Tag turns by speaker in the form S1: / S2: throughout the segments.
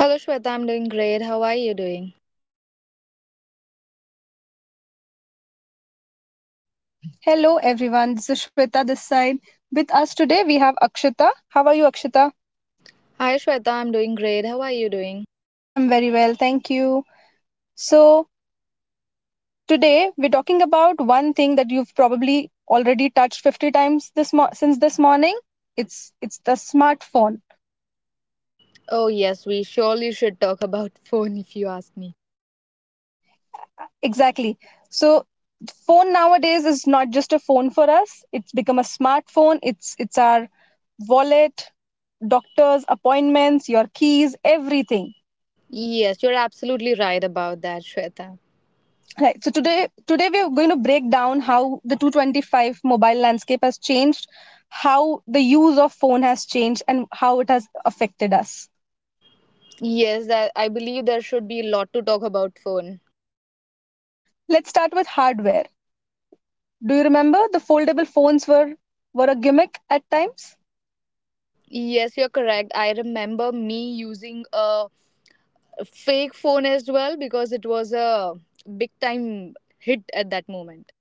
S1: Hello, Shweta. I'm doing great. How are you doing?
S2: Hello, everyone. This is Shweta this side. With us today, we have Akshita. How are you, Akshita?
S1: Hi, Shweta. I'm doing great. How are you doing?
S2: I'm very well. Thank you. So, today we're talking about one thing that you've probably already touched 50 times since this morning. It's it's the smartphone.
S1: Oh, yes, we surely should talk about phone if you ask me.
S2: Exactly. So, phone nowadays is not just a phone for us. It's become a smartphone. It's our wallet, doctor's appointments, your keys, everything.
S1: Yes, you're absolutely right about that, Shweta.
S2: Right. So today we are going to break down how the 225 mobile landscape has changed, how the use of phone has changed, and how it has affected us.
S1: Yes, that I believe there should be a lot to talk about phone.
S2: Let's start with hardware. Do you remember the foldable phones were a gimmick at times?
S1: Yes, you're correct. I remember me using a fake phone as well because it was a big time hit at that moment.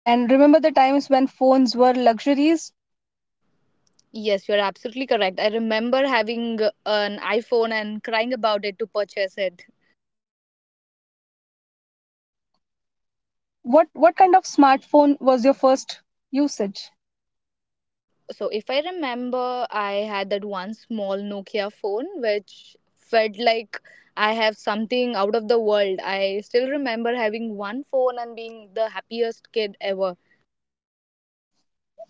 S2: And remember the times when phones were luxuries?
S1: Yes, you're absolutely correct. I remember having an iPhone and crying about it to purchase it.
S2: What kind of smartphone was your first usage?
S1: So if I remember, I had that one small Nokia phone which felt like I have something out of the world. I still remember having one phone and being the happiest kid ever.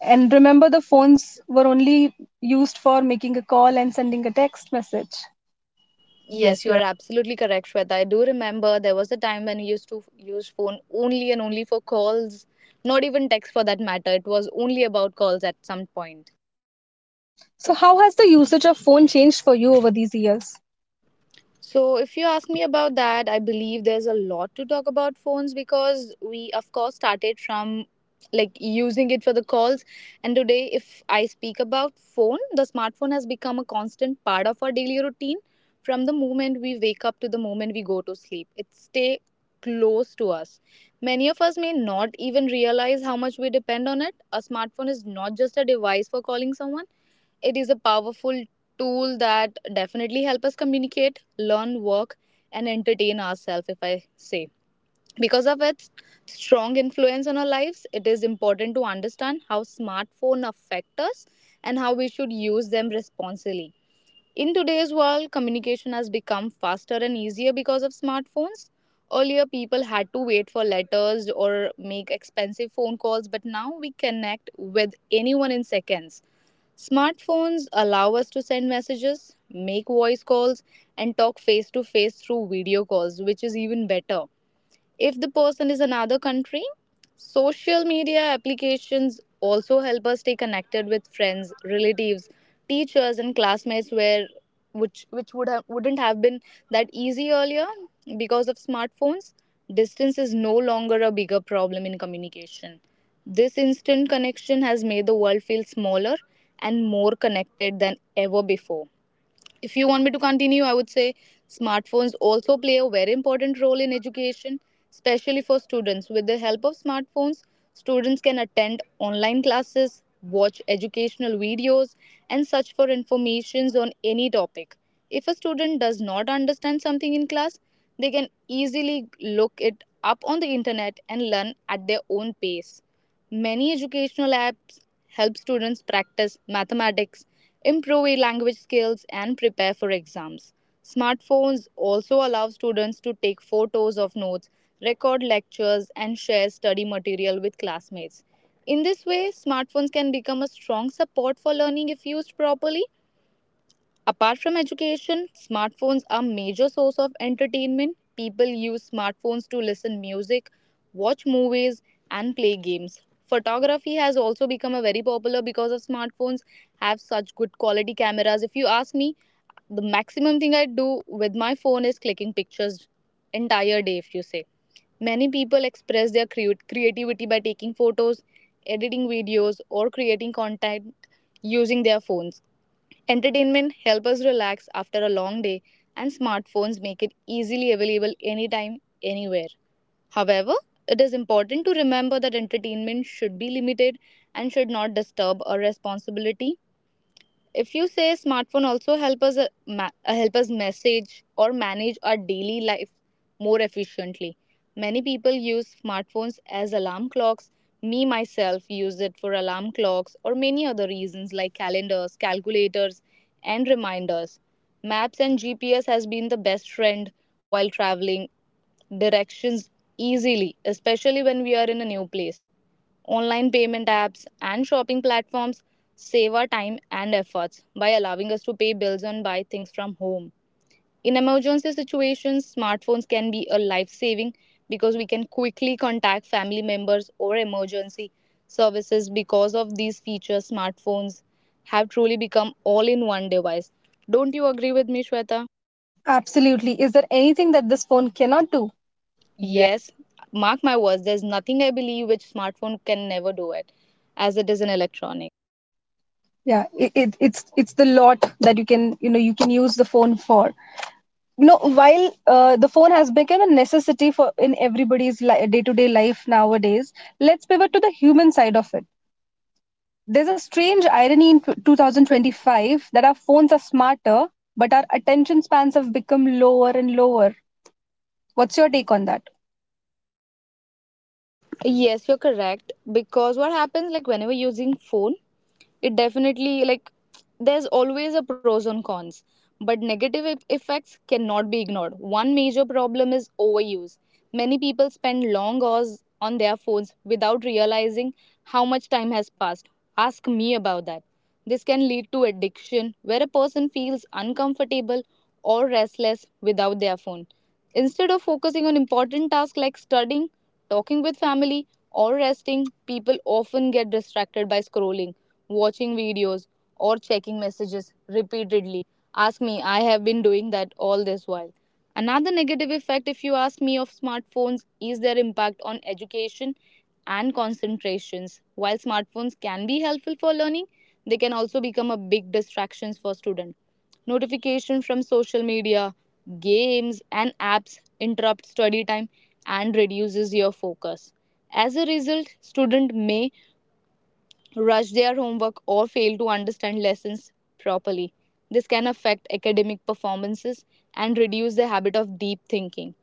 S2: And remember the phones were only used for making a call and sending a text message. Yes.
S1: Yes, you're absolutely correct, Shweta. I do remember there was a time when I used to use phone only and only for calls, not even text for that matter. It was only about calls at some point.
S2: So, how has the usage of phone changed for you over these years?
S1: So, if you ask me about that, I believe there's a lot to talk about phones because we, of course, started from like using it for the calls. And today, if I speak about phone, the smartphone has become a constant part of our daily routine from the moment we wake up to the moment we go to sleep. It stay close to us. Many of us may not even realize how much we depend on it. A smartphone is not just a device for calling someone, it is a powerful tool that definitely help us communicate, learn, work, and entertain ourselves, if I say. Because of its strong influence on our lives, it is important to understand how smartphone affect us and how we should use them responsibly. In today's world, communication has become faster and easier because of smartphones. Earlier, people had to wait for letters or make expensive phone calls, but now we connect with anyone in seconds. Smartphones allow us to send messages, make voice calls, and talk face to face through video calls, which is even better if the person is another country. Social media applications also help us stay connected with friends, relatives, teachers and classmates, where which wouldn't have been that easy earlier. Because of smartphones, distance is no longer a bigger problem in communication. This instant connection has made the world feel smaller and more connected than ever before. If you want me to continue, I would say smartphones also play a very important role in education, especially for students. With the help of smartphones, students can attend online classes, watch educational videos, and search for informations on any topic. If a student does not understand something in class, they can easily look it up on the internet and learn at their own pace. Many educational apps help students practice mathematics, improve language skills and prepare for exams. Smartphones also allow students to take photos of notes, record lectures and share study material with classmates. In this way, smartphones can become a strong support for learning if used properly. Apart from education, smartphones are major source of entertainment. People use smartphones to listen music, watch movies and play games. Photography has also become a very popular because of smartphones have such good quality cameras. If you ask me, the maximum thing I do with my phone is clicking pictures entire day if you say. Many people express their creativity by taking photos, editing videos or creating content using their phones. Entertainment helps us relax after a long day and smartphones make it easily available anytime anywhere. However, it is important to remember that entertainment should be limited and should not disturb our responsibility. If you say, smartphone also help us message or manage our daily life more efficiently. Many people use smartphones as alarm clocks. Me myself use it for alarm clocks or many other reasons like calendars, calculators and reminders. Maps and GPS has been the best friend while traveling directions easily, especially when we are in a new place. Online payment apps and shopping platforms save our time and efforts by allowing us to pay bills and buy things from home. In emergency situations, smartphones can be a life saving because we can quickly contact family members or emergency services. Because of these features, smartphones have truly become all in one device. Don't you agree with me, Shweta?
S2: Absolutely. Is there anything that this phone cannot do?
S1: Yes, mark my words, there's nothing I believe which smartphone can never do it, as it is an electronic.
S2: Yeah, it's the lot that you can, you can use the phone for, while the phone has become a necessity for in everybody's day-to-day life nowadays. Let's pivot to the human side of it. There's a strange irony in
S1: 2020.
S2: 2025 that our phones are smarter, but our attention spans have become lower and lower. What's your take on that?
S1: Yes, you're correct. Because what happens, like whenever using phone, it definitely like there's always a pros and cons, but negative effects cannot be ignored. One major problem is overuse. Many people spend long hours on their phones without realizing how much time has passed. Ask me about that. This can lead to addiction where a person feels uncomfortable or restless without their phone. Instead of focusing on important tasks like studying, talking with family, or resting, people often get distracted by scrolling, watching videos, or checking messages repeatedly. Ask me, I have been doing that all this while. Another negative effect, if you ask me, of smartphones is their impact on education and concentrations. While smartphones can be helpful for learning, they can also become a big distractions for students. Notification from social media, games and apps interrupt study time and reduces your focus. As a result, student may rush their homework, or fail to understand lessons properly. This can affect academic performances and reduce the habit of deep thinking.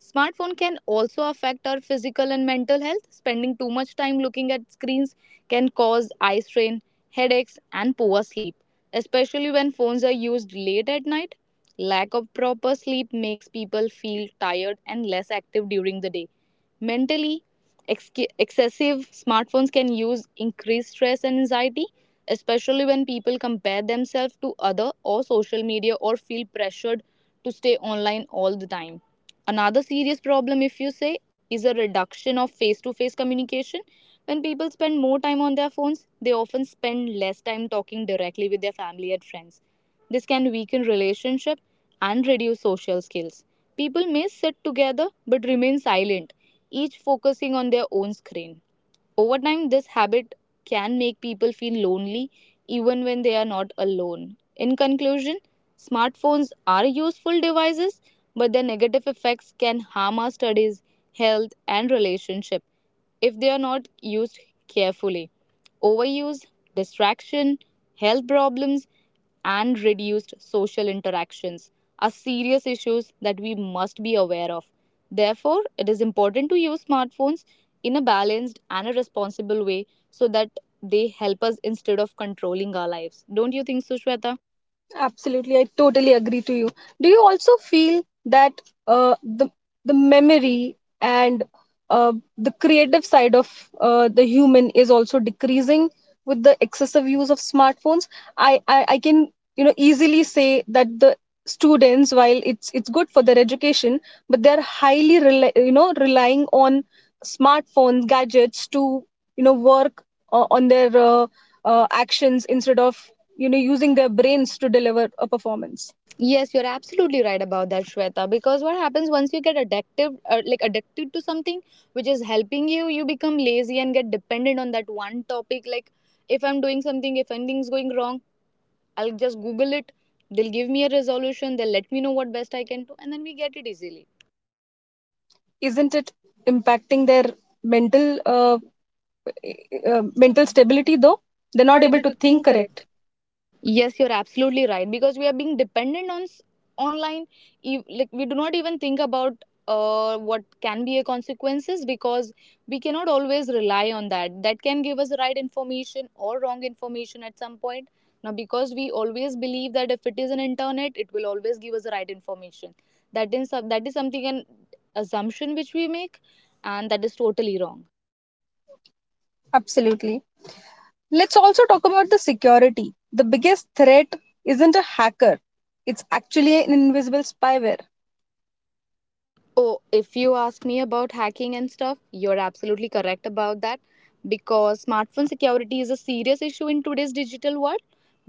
S1: Smartphone can also affect our physical and mental health. Spending too much time looking at screens can cause eye strain, headaches, and poor sleep, especially when phones are used late at night. Lack of proper sleep makes people feel tired and less active during the day. Mentally, Ex- excessive smartphones can use increased stress and anxiety, especially when people compare themselves to other or social media or feel pressured to stay online all the time. Another serious problem, if you say, is a reduction of face to face communication. When people spend more time on their phones, they often spend less time talking directly with their family and friends. This can weaken relationship and reduce social skills. People may sit together but remain silent, each focusing on their own screen. Over time, this habit can make people feel lonely even when they are not alone. In conclusion, smartphones are useful devices, but their negative effects can harm our studies, health, and relationship if they are not used carefully. Overuse, distraction, health problems, and reduced social interactions are serious issues that we must be aware of. Therefore, it is important to use smartphones in a balanced and a responsible way so that they help us instead of controlling our lives. Don't you think so, Shweta?
S2: Absolutely, I totally agree to you. Do you also feel that uh, the the memory and the creative side of the human is also decreasing with the excessive use of smartphones? I can, easily say that the students, while it's good for their education, but they're highly rely, relying on smartphones, gadgets to, work on their actions instead of, using their brains to deliver a performance.
S1: Yes, you're absolutely right about that, Shweta. Because what happens once you get addictive, like addicted to something which is helping you, you become lazy and get dependent on that one topic. Like if I'm doing something, if anything's going wrong, I'll just Google it. They'll give me a resolution. They'll let me know what best I can do, and then we get it easily.
S2: Isn't it impacting their mental, uh, mental stability? Though they're not able
S1: Able
S2: to
S1: to
S2: think
S1: think
S2: correct.
S1: correctly. Yes, you're absolutely right because we are being dependent on online. Like we do not even think about what can be a consequences, because we cannot always rely on that. That can give us right information or wrong information at some point. Now, because we always believe that if it is an internet, it will always give us the right information. That is something an assumption which we make, and that is totally wrong.
S2: Absolutely. Let's also talk about the security. The biggest threat isn't a hacker, it's actually an invisible spyware.
S1: Oh, if you ask me about hacking and stuff, you're absolutely correct about that because smartphone security is a serious issue in today's digital world,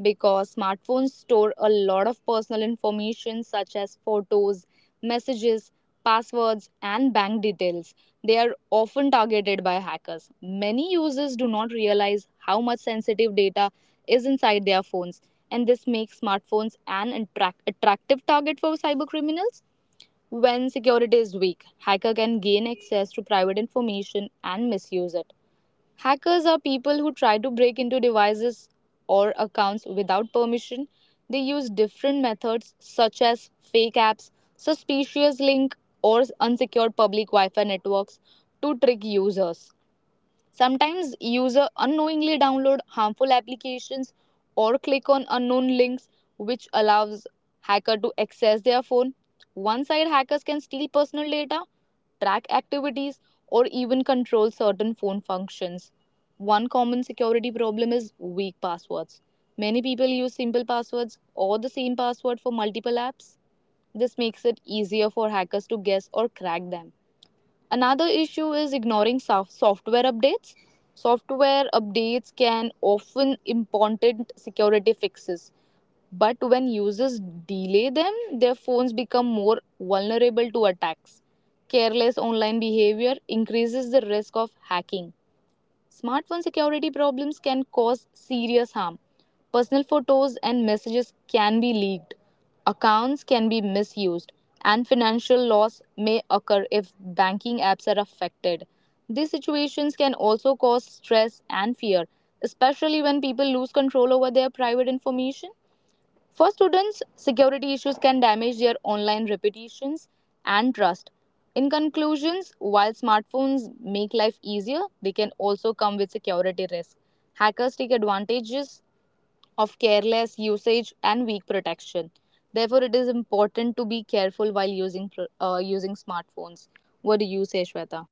S1: because smartphones store a lot of personal information such as photos, messages, passwords, and bank details. They are often targeted by hackers. Many users do not realize how much sensitive data is inside their phones, and this makes smartphones an attractive target for cybercriminals. When security is weak, hacker can gain access to private information and misuse it. Hackers are people who try to break into devices or accounts without permission. They use different methods such as fake apps, suspicious link or unsecured public Wi-Fi networks to trick users. Sometimes user unknowingly download harmful applications or click on unknown links which allows hacker to access their phone. One side hackers can steal personal data, track activities or even control certain phone functions. One common security problem is weak passwords. Many people use simple passwords or the same password for multiple apps. This makes it easier for hackers to guess or crack them. Another issue is ignoring software updates. Software updates can often important security fixes, but when users delay them, their phones become more vulnerable to attacks. Careless online behavior increases the risk of hacking. Smartphone security problems can cause serious harm. Personal photos and messages can be leaked, accounts can be misused, and financial loss may occur if banking apps are affected. These situations can also cause stress and fear, especially when people lose control over their private information. For students, security issues can damage their online reputations and trust. In conclusions, while smartphones make life easier, they can also come with security risks. Hackers take advantages of careless usage and weak protection. Therefore, it is important to be careful while using using smartphones. What do you say, Shweta?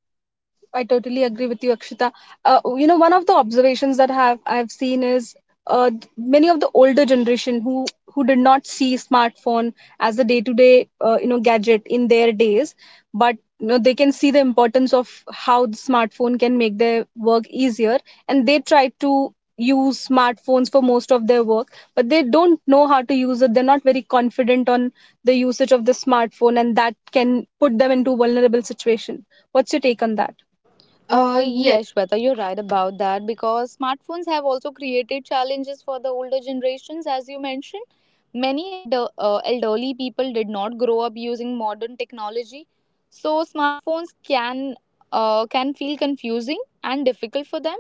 S2: I totally agree with you, Akshita. You know, one of the observations that have I've seen is uh, many of the older generation who did not see smartphone as a day to day, gadget in their days, but they can see the importance of how the smartphone can make their work easier, and they try to use smartphones for most of their work, but they don't know how to use it. They're not very confident on the usage of the smartphone, and that can put them into vulnerable situation. What's your take on that? Yes.
S1: Yes, Shweta, you're right about that because smartphones have also created challenges for the older generations, as you mentioned. Many elderly people did not grow up using modern technology, so smartphones can feel confusing and difficult for them.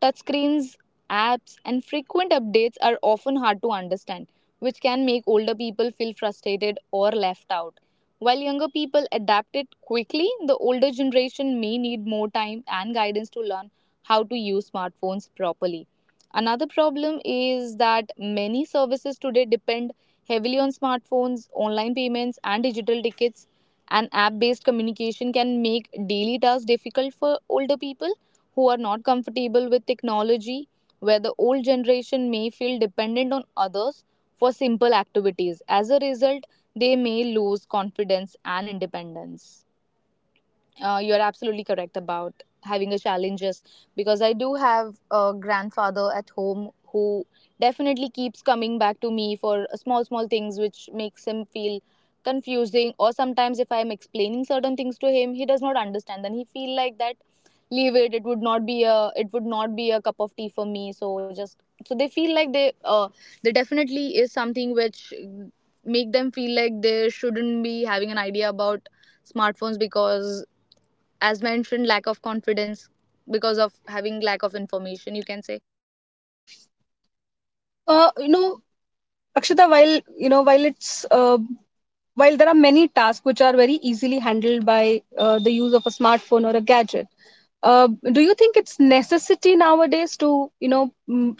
S1: Touchscreens, apps, and frequent updates are often hard to understand, which can make older people feel frustrated or left out. While younger people adapt it quickly, the older generation may need more time and guidance to learn how to use smartphones properly. Another problem is that many services today depend heavily on smartphones, online payments, and digital tickets. And app based communication can make daily tasks difficult for older people who are not comfortable with technology, where the old generation may feel dependent on others for simple activities. As a result, they may lose confidence and independence. You're absolutely correct about having a challenges because I do have a grandfather at home who definitely keeps coming back to me for small small things, which makes him feel confusing. Or sometimes if I am explaining certain things to him, he does not understand, then he feel like that, leave it, it would not be a it would not be a cup of tea for me. So just, so they feel like they there definitely is something which make them feel like they shouldn't be having an idea about smartphones because, as mentioned, lack of confidence because of having lack of information, you can say.
S2: You know, Akshita, while you know, while it's while there are many tasks which are very easily handled by the use of a smartphone or a gadget, do you think it's necessity nowadays to,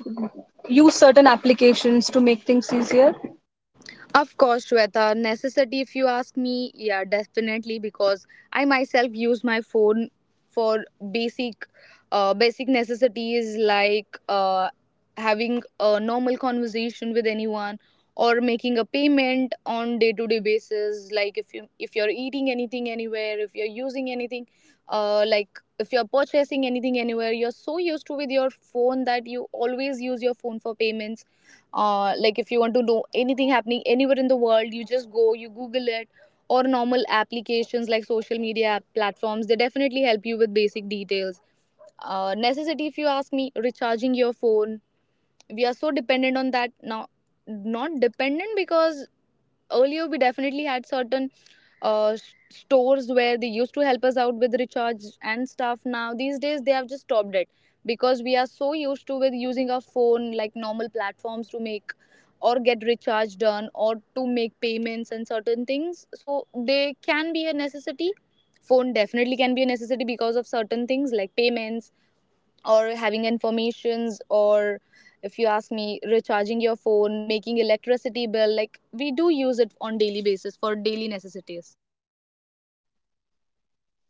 S2: use certain applications to make things easier?
S1: Of course, Shweta, necessity if you ask me, yeah, definitely, because I myself use my phone for basic basic necessities like having a normal conversation with anyone or making a payment on day-to-day basis. Like if you're eating anything anywhere, if you're using anything, like if you're purchasing anything anywhere, you're so used to with your phone that you always use your phone for payments. Like if you want to know anything happening anywhere in the world, you just go, you google it. Or normal applications like social media app platforms, they definitely help you with basic details. Necessity, if you ask me, recharging your phone, we are so dependent on that now. Not dependent, because earlier we definitely had certain stores where they used to help us out with recharge and stuff. Now these days they have just stopped it because we are so used to with using our phone like normal platforms to make or get recharge done or to make payments and certain things, so they can be a necessity. Phone definitely can be a necessity because of certain things like payments or having informations, or if you ask me, recharging your phone, making electricity bill, like we do use it on daily basis for daily necessities.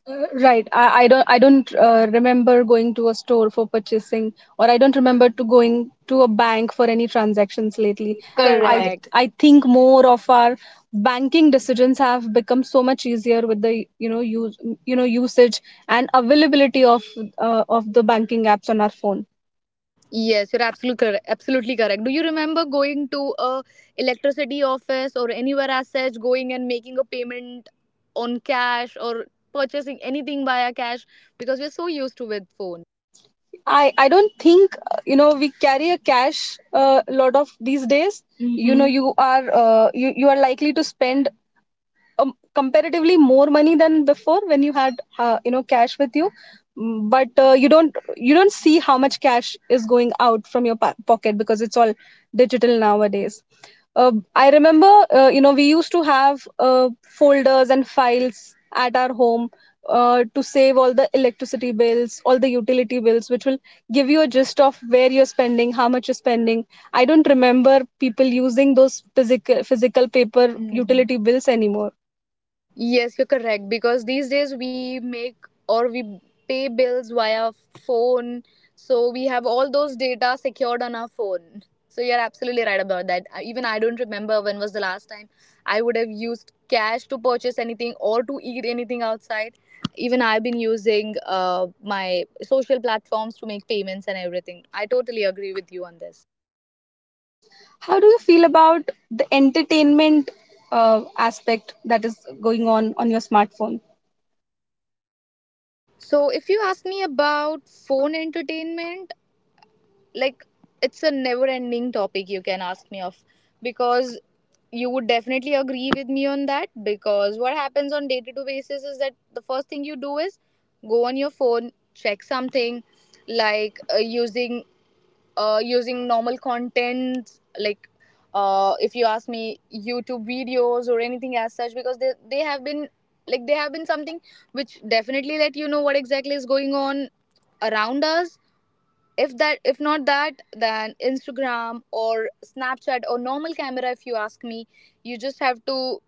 S2: Uh, Right. I don't remember going to a store for purchasing, or I don't remember to going to a bank for any transactions lately.
S1: Lately,
S2: I—
S1: correct.
S2: correct. I think more of our banking decisions have become so much easier with the, you know use you know usage and availability of the banking apps on our phone.
S1: Yes, you're absolutely correct, absolutely correct. Do you remember going to a electricity office or anywhere as such, going and making a payment on cash or purchasing anything via cash, because we're so used to with phone.
S2: Phone. I don't think you know we carry a cash a lot of these days. You know, mm-hmm, you are, you are likely to spend comparatively more money than before when you had, you know, cash with you. Mm, but you don't, you don't see how much cash is going out from your pocket, because it's all digital nowadays. I remember, you know, we used to have folders and files at our home to save all the electricity bills, all the utility bills, which will give you a gist of where you're spending, how much you're spending. I don't remember people using those physical paper. Mm. Utility bills anymore.
S1: Yes, you're correct, because these days we make, or we pay bills via phone. So we have all those data secured on our phone. So you're absolutely right about that. Even I don't remember when was the last time I would have used cash to purchase anything or to eat anything outside. Even I've been using my social platforms to make payments and everything. I totally agree with you on this.
S2: How do you feel about the entertainment aspect that is going on your smartphone?
S1: So, if you ask me about phone entertainment, like, it's a never ending topic you can ask me of, because you would definitely agree with me on that, because what happens on day to day basis is that the first thing you do is go on your phone, check something, like using normal content, like, if you ask me, youtube videos or anything as such, because they have been something which definitely let you know what exactly is going on around us. If that, if not that, then instagram or snapchat or normal camera, if you ask me, you just have to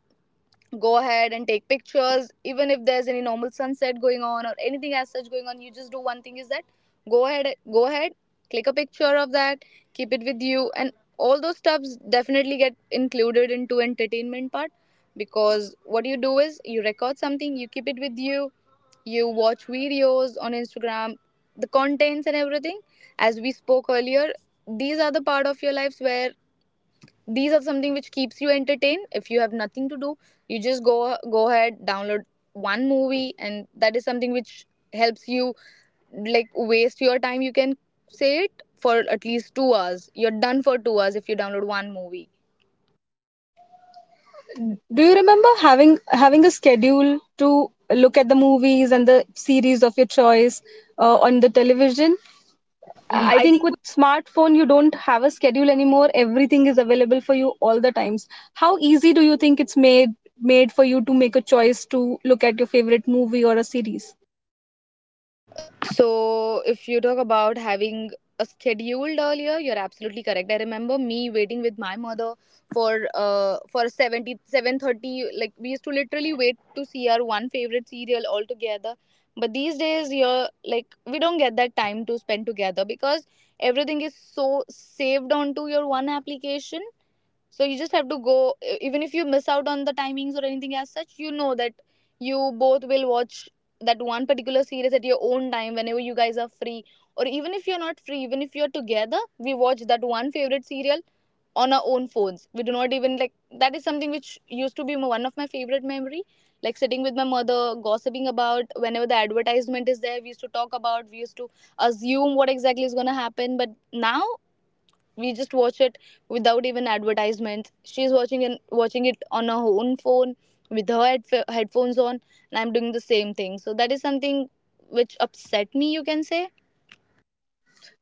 S1: go ahead and take pictures. Even if there's any normal sunset going on or anything as such going on, you just do one thing is that, go ahead go ahead, click a picture of that, keep it with you, and all those stuffs definitely get included into entertainment part. Because what you do is you record something, you keep it with you, you watch videos on instagram, the contents and everything, as we spoke earlier. These are the part of your lives where these are something which keeps you entertained. If you have nothing to do, you just go ahead download one movie, and that is something which helps you, like, waste your time, you can say it for at least 2 hours. You're done for 2 hours if you download one movie.
S2: Do you remember having a schedule to look at the movies and the series of your choice on the television? I
S1: I
S2: think
S1: think,
S2: with smartphone you don't have a schedule anymore. Everything is available for you all the times. How easy do you think it's made for you to make a choice to look at your favorite movie or a series?
S1: so, if you talk about having a scheduled earlier, you're absolutely correct. I remember me waiting with my mother for seventy seven thirty. Like we used to literally wait to see our one favorite serial all together. But these days, you're like, we don't get that time to spend together because everything is so saved onto your one application, so you just have to go. E- even if you miss out on the timings or anything as such, you know that you both will watch that one particular series at your own time whenever you guys are free. Or even if you're not free, even if you're together, we watch that one favorite serial on our own phones. We do not even, like, that is something which used to be one of my favorite memory, like sitting with my mother gossiping about, whenever the advertisement is there, we used to talk about, we used to assume what exactly is going to happen. But now we just watch it without even advertisements. She's watching and watching it on her own phone with her headphones on, and I'm doing the same thing. So that is something which upset me, you can say.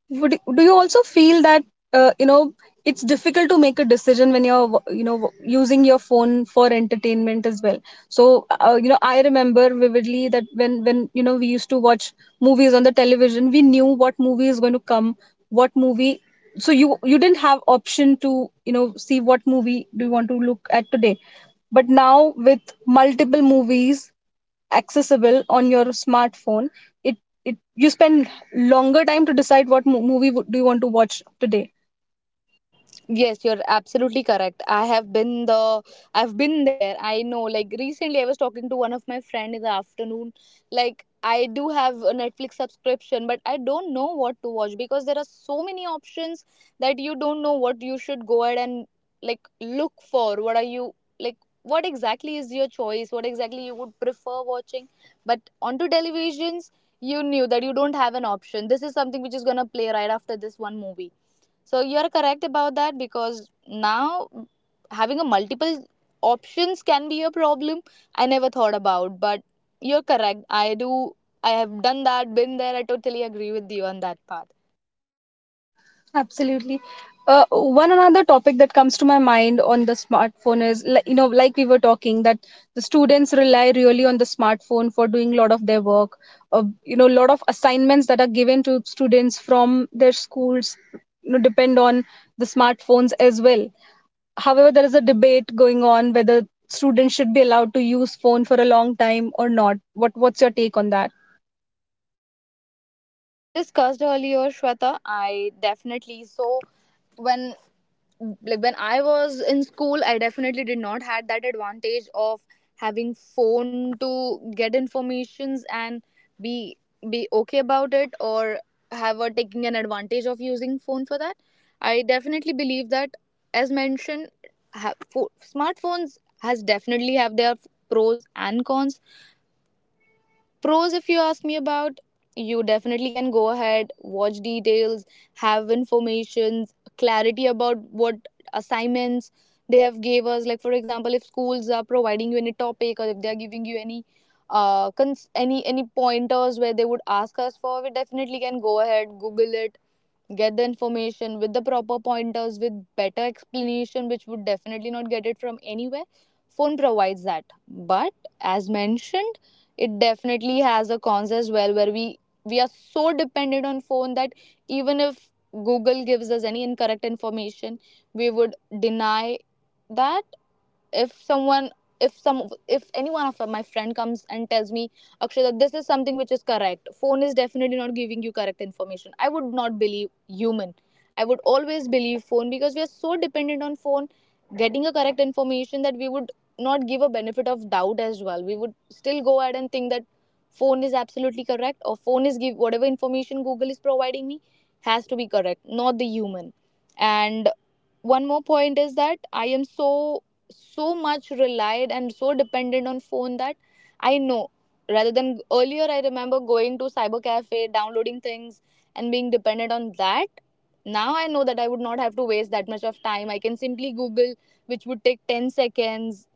S2: Would, do you also feel that you know it's difficult to make a decision when you're, using your phone for entertainment as well? So you know, I remember vividly that when, we used to watch movies on the television, we knew what movie is going to come, what movie. So you didn't have option to, see what movie do you want to look at today. But now with multiple movies accessible on your smartphone, it— you spend longer time to decide movie do you want to watch today.
S1: Yes, you're absolutely correct. I've been there. I know, like, recently I was talking to one of my friend in the afternoon. Like, I do have a Netflix subscription, but I don't know what to watch because there are so many options that you don't know what you should go ahead and, like, look for. What are you, like, what exactly is your choice? What exactly you would prefer watching? But onto televisions, you knew that you don't have an option. This is something which is going to play right after this one movie. So you are correct about that, because now having a multiple options can be a problem. I never thought about, but you're correct. I do. I have done that, been there. I totally agree with you on that part.
S2: Absolutely. One another topic that comes to my mind on the smartphone is, you know, like we were talking, that the students rely really on the smartphone for doing a lot of their work. You know, a lot of assignments that are given to students from their schools, you know, depend on the smartphones as well. However, there is a debate going on whether students should be allowed to use phone for a long time or not. What's your take on that?
S1: Mm, as we discussed earlier, Shweta, I definitely, so when, like when I was in school, I definitely did not had that advantage of having phone to get informations and be be okay about it, or have a, taking an advantage of using phone for that. I definitely believe that, as mentioned, smartphones has definitely have their pros and cons. Pros, if you ask me about, you definitely can go ahead, watch details, have informations, clarity about what assignments they have gave us. Like for example, if schools are providing you any topic or if they are giving you any any pointers where they would ask us for, we definitely can go ahead, Google it, get the information with the proper pointers with better explanation which would definitely not get it from anywhere. Phone provides that. But as mentioned, it definitely has a cons as well, where we are so dependent on phone that even if google gives us any incorrect information, we would deny that. If someone, if any one of my friend comes and tells me, akshay, that this is something which is correct, phone is definitely not giving you correct information, I would not believe human. I would always believe phone because we are so dependent on phone getting a correct information, that we would not give a benefit of doubt as well. We would still go ahead and think that phone is absolutely correct, or phone is give whatever information google is providing me has to be correct, not the human. And one more point is that I am so, so much relied and so dependent on phone that I know, rather than earlier I remember going to cyber cafe, downloading things and being dependent on that, now I know that I would not have to waste that much of time. I can simply google, which would take 10 seconds.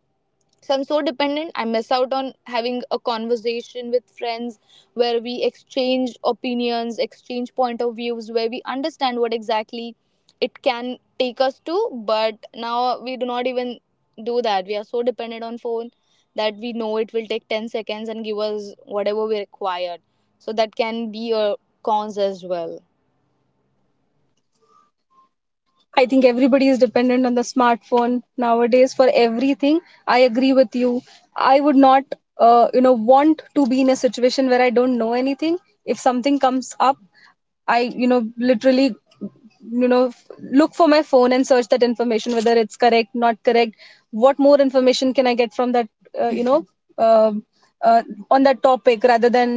S1: So I'm so dependent. I miss out on having a conversation with friends where we exchange opinions, exchange point of views, where we understand what exactly it can take us to. But now we do not even do that. We are so dependent on phone that we know it will take 10 seconds and give us whatever we required. So that can be a cons as well.
S2: I think everybody is dependent on the smartphone nowadays for everything. I agree with you. I would not, you know, want to be in a situation where I don't know anything. If something comes up, I, you know, literally, you know, look for my phone and search that information, whether it's correct, not correct. What more information can I get from that, uh, you know, um uh, on that topic rather than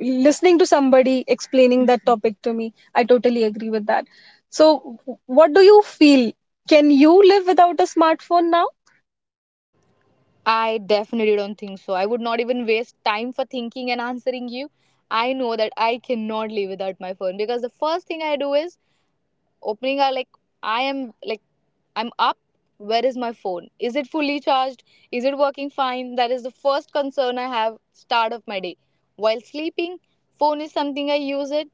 S2: listening to somebody explaining that topic to me? I totally agree with that. So, what do you feel? Can you live without a smartphone now?
S1: I definitely don't think so. I would not even waste time for thinking and answering you. I know that I cannot live without my phone because the first thing I do is opening, I like I am like I'm up. Where is my phone? Is it fully charged? Is it working fine? That is the first concern I have start of my day. While sleeping, phone is something I use it,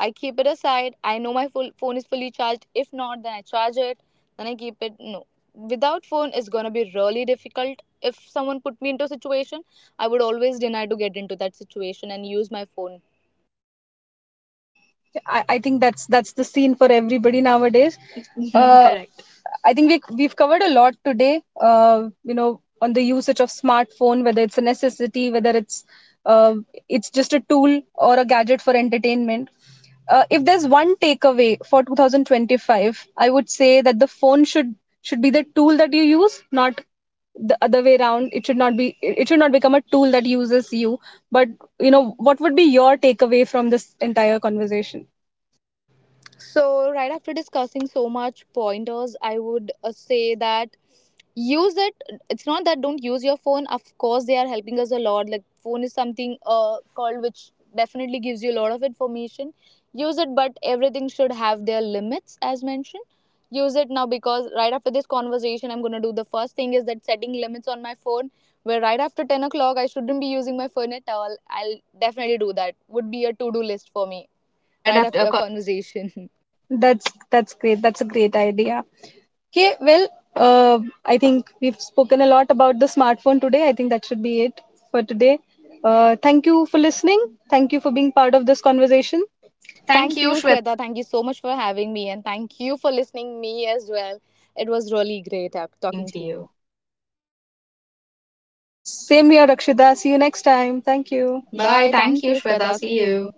S1: I keep it aside. I know my full phone is fully charged. If not, then I charge it. Then I keep it. No, without phone, it's gonna be really difficult. If someone put me into a situation, I would always deny to get into that situation and use my phone.
S2: I think that's the scene for everybody nowadays. Correct. I think we've covered a lot today. You know, on the usage of smartphone, whether it's a necessity, whether uh, it's just a tool or a gadget for entertainment. If there's one takeaway for 2025, I would say that the phone should be the tool that you use, not the other way around. It should not be, it should not become a tool that uses you. But, you know, what would be your takeaway from this entire conversation?
S1: So, right after discussing so much pointers, I would say that, use it. It's not that don't use your phone. Of course, they are helping us a lot. Like phone is something called which definitely gives you a lot of information. Use it, but everything should have their limits, as mentioned. Use it now because right after this conversation, I'm gonna do the first thing is that setting limits on my phone. Where right after 10 o'clock, I shouldn't be using my phone at all. I'll definitely do that. Would be a to-do list for me
S2: Right
S1: right
S2: after
S1: after
S2: a
S1: a
S2: co—
S1: conversation.
S2: That's great. That's a great idea. Okay, well, uh, I think we've spoken a lot about the smartphone today. I think that should be it for today. Thank you for listening. Thank you for being part of this conversation. Thank
S1: Thank
S2: you,
S1: you,
S2: Shweta.
S1: Shweta. Thank you so much for having me, and thank you for listening me as well. It was really great
S2: Talking
S1: talking
S2: to
S1: to you.
S2: you. Same here, Rakshita. See you next time. Thank you. Bye,
S1: Bye.
S2: thank
S1: Thank
S2: you,
S1: you,
S2: Shweta.
S1: Shweta.
S2: See
S1: See you.
S2: you.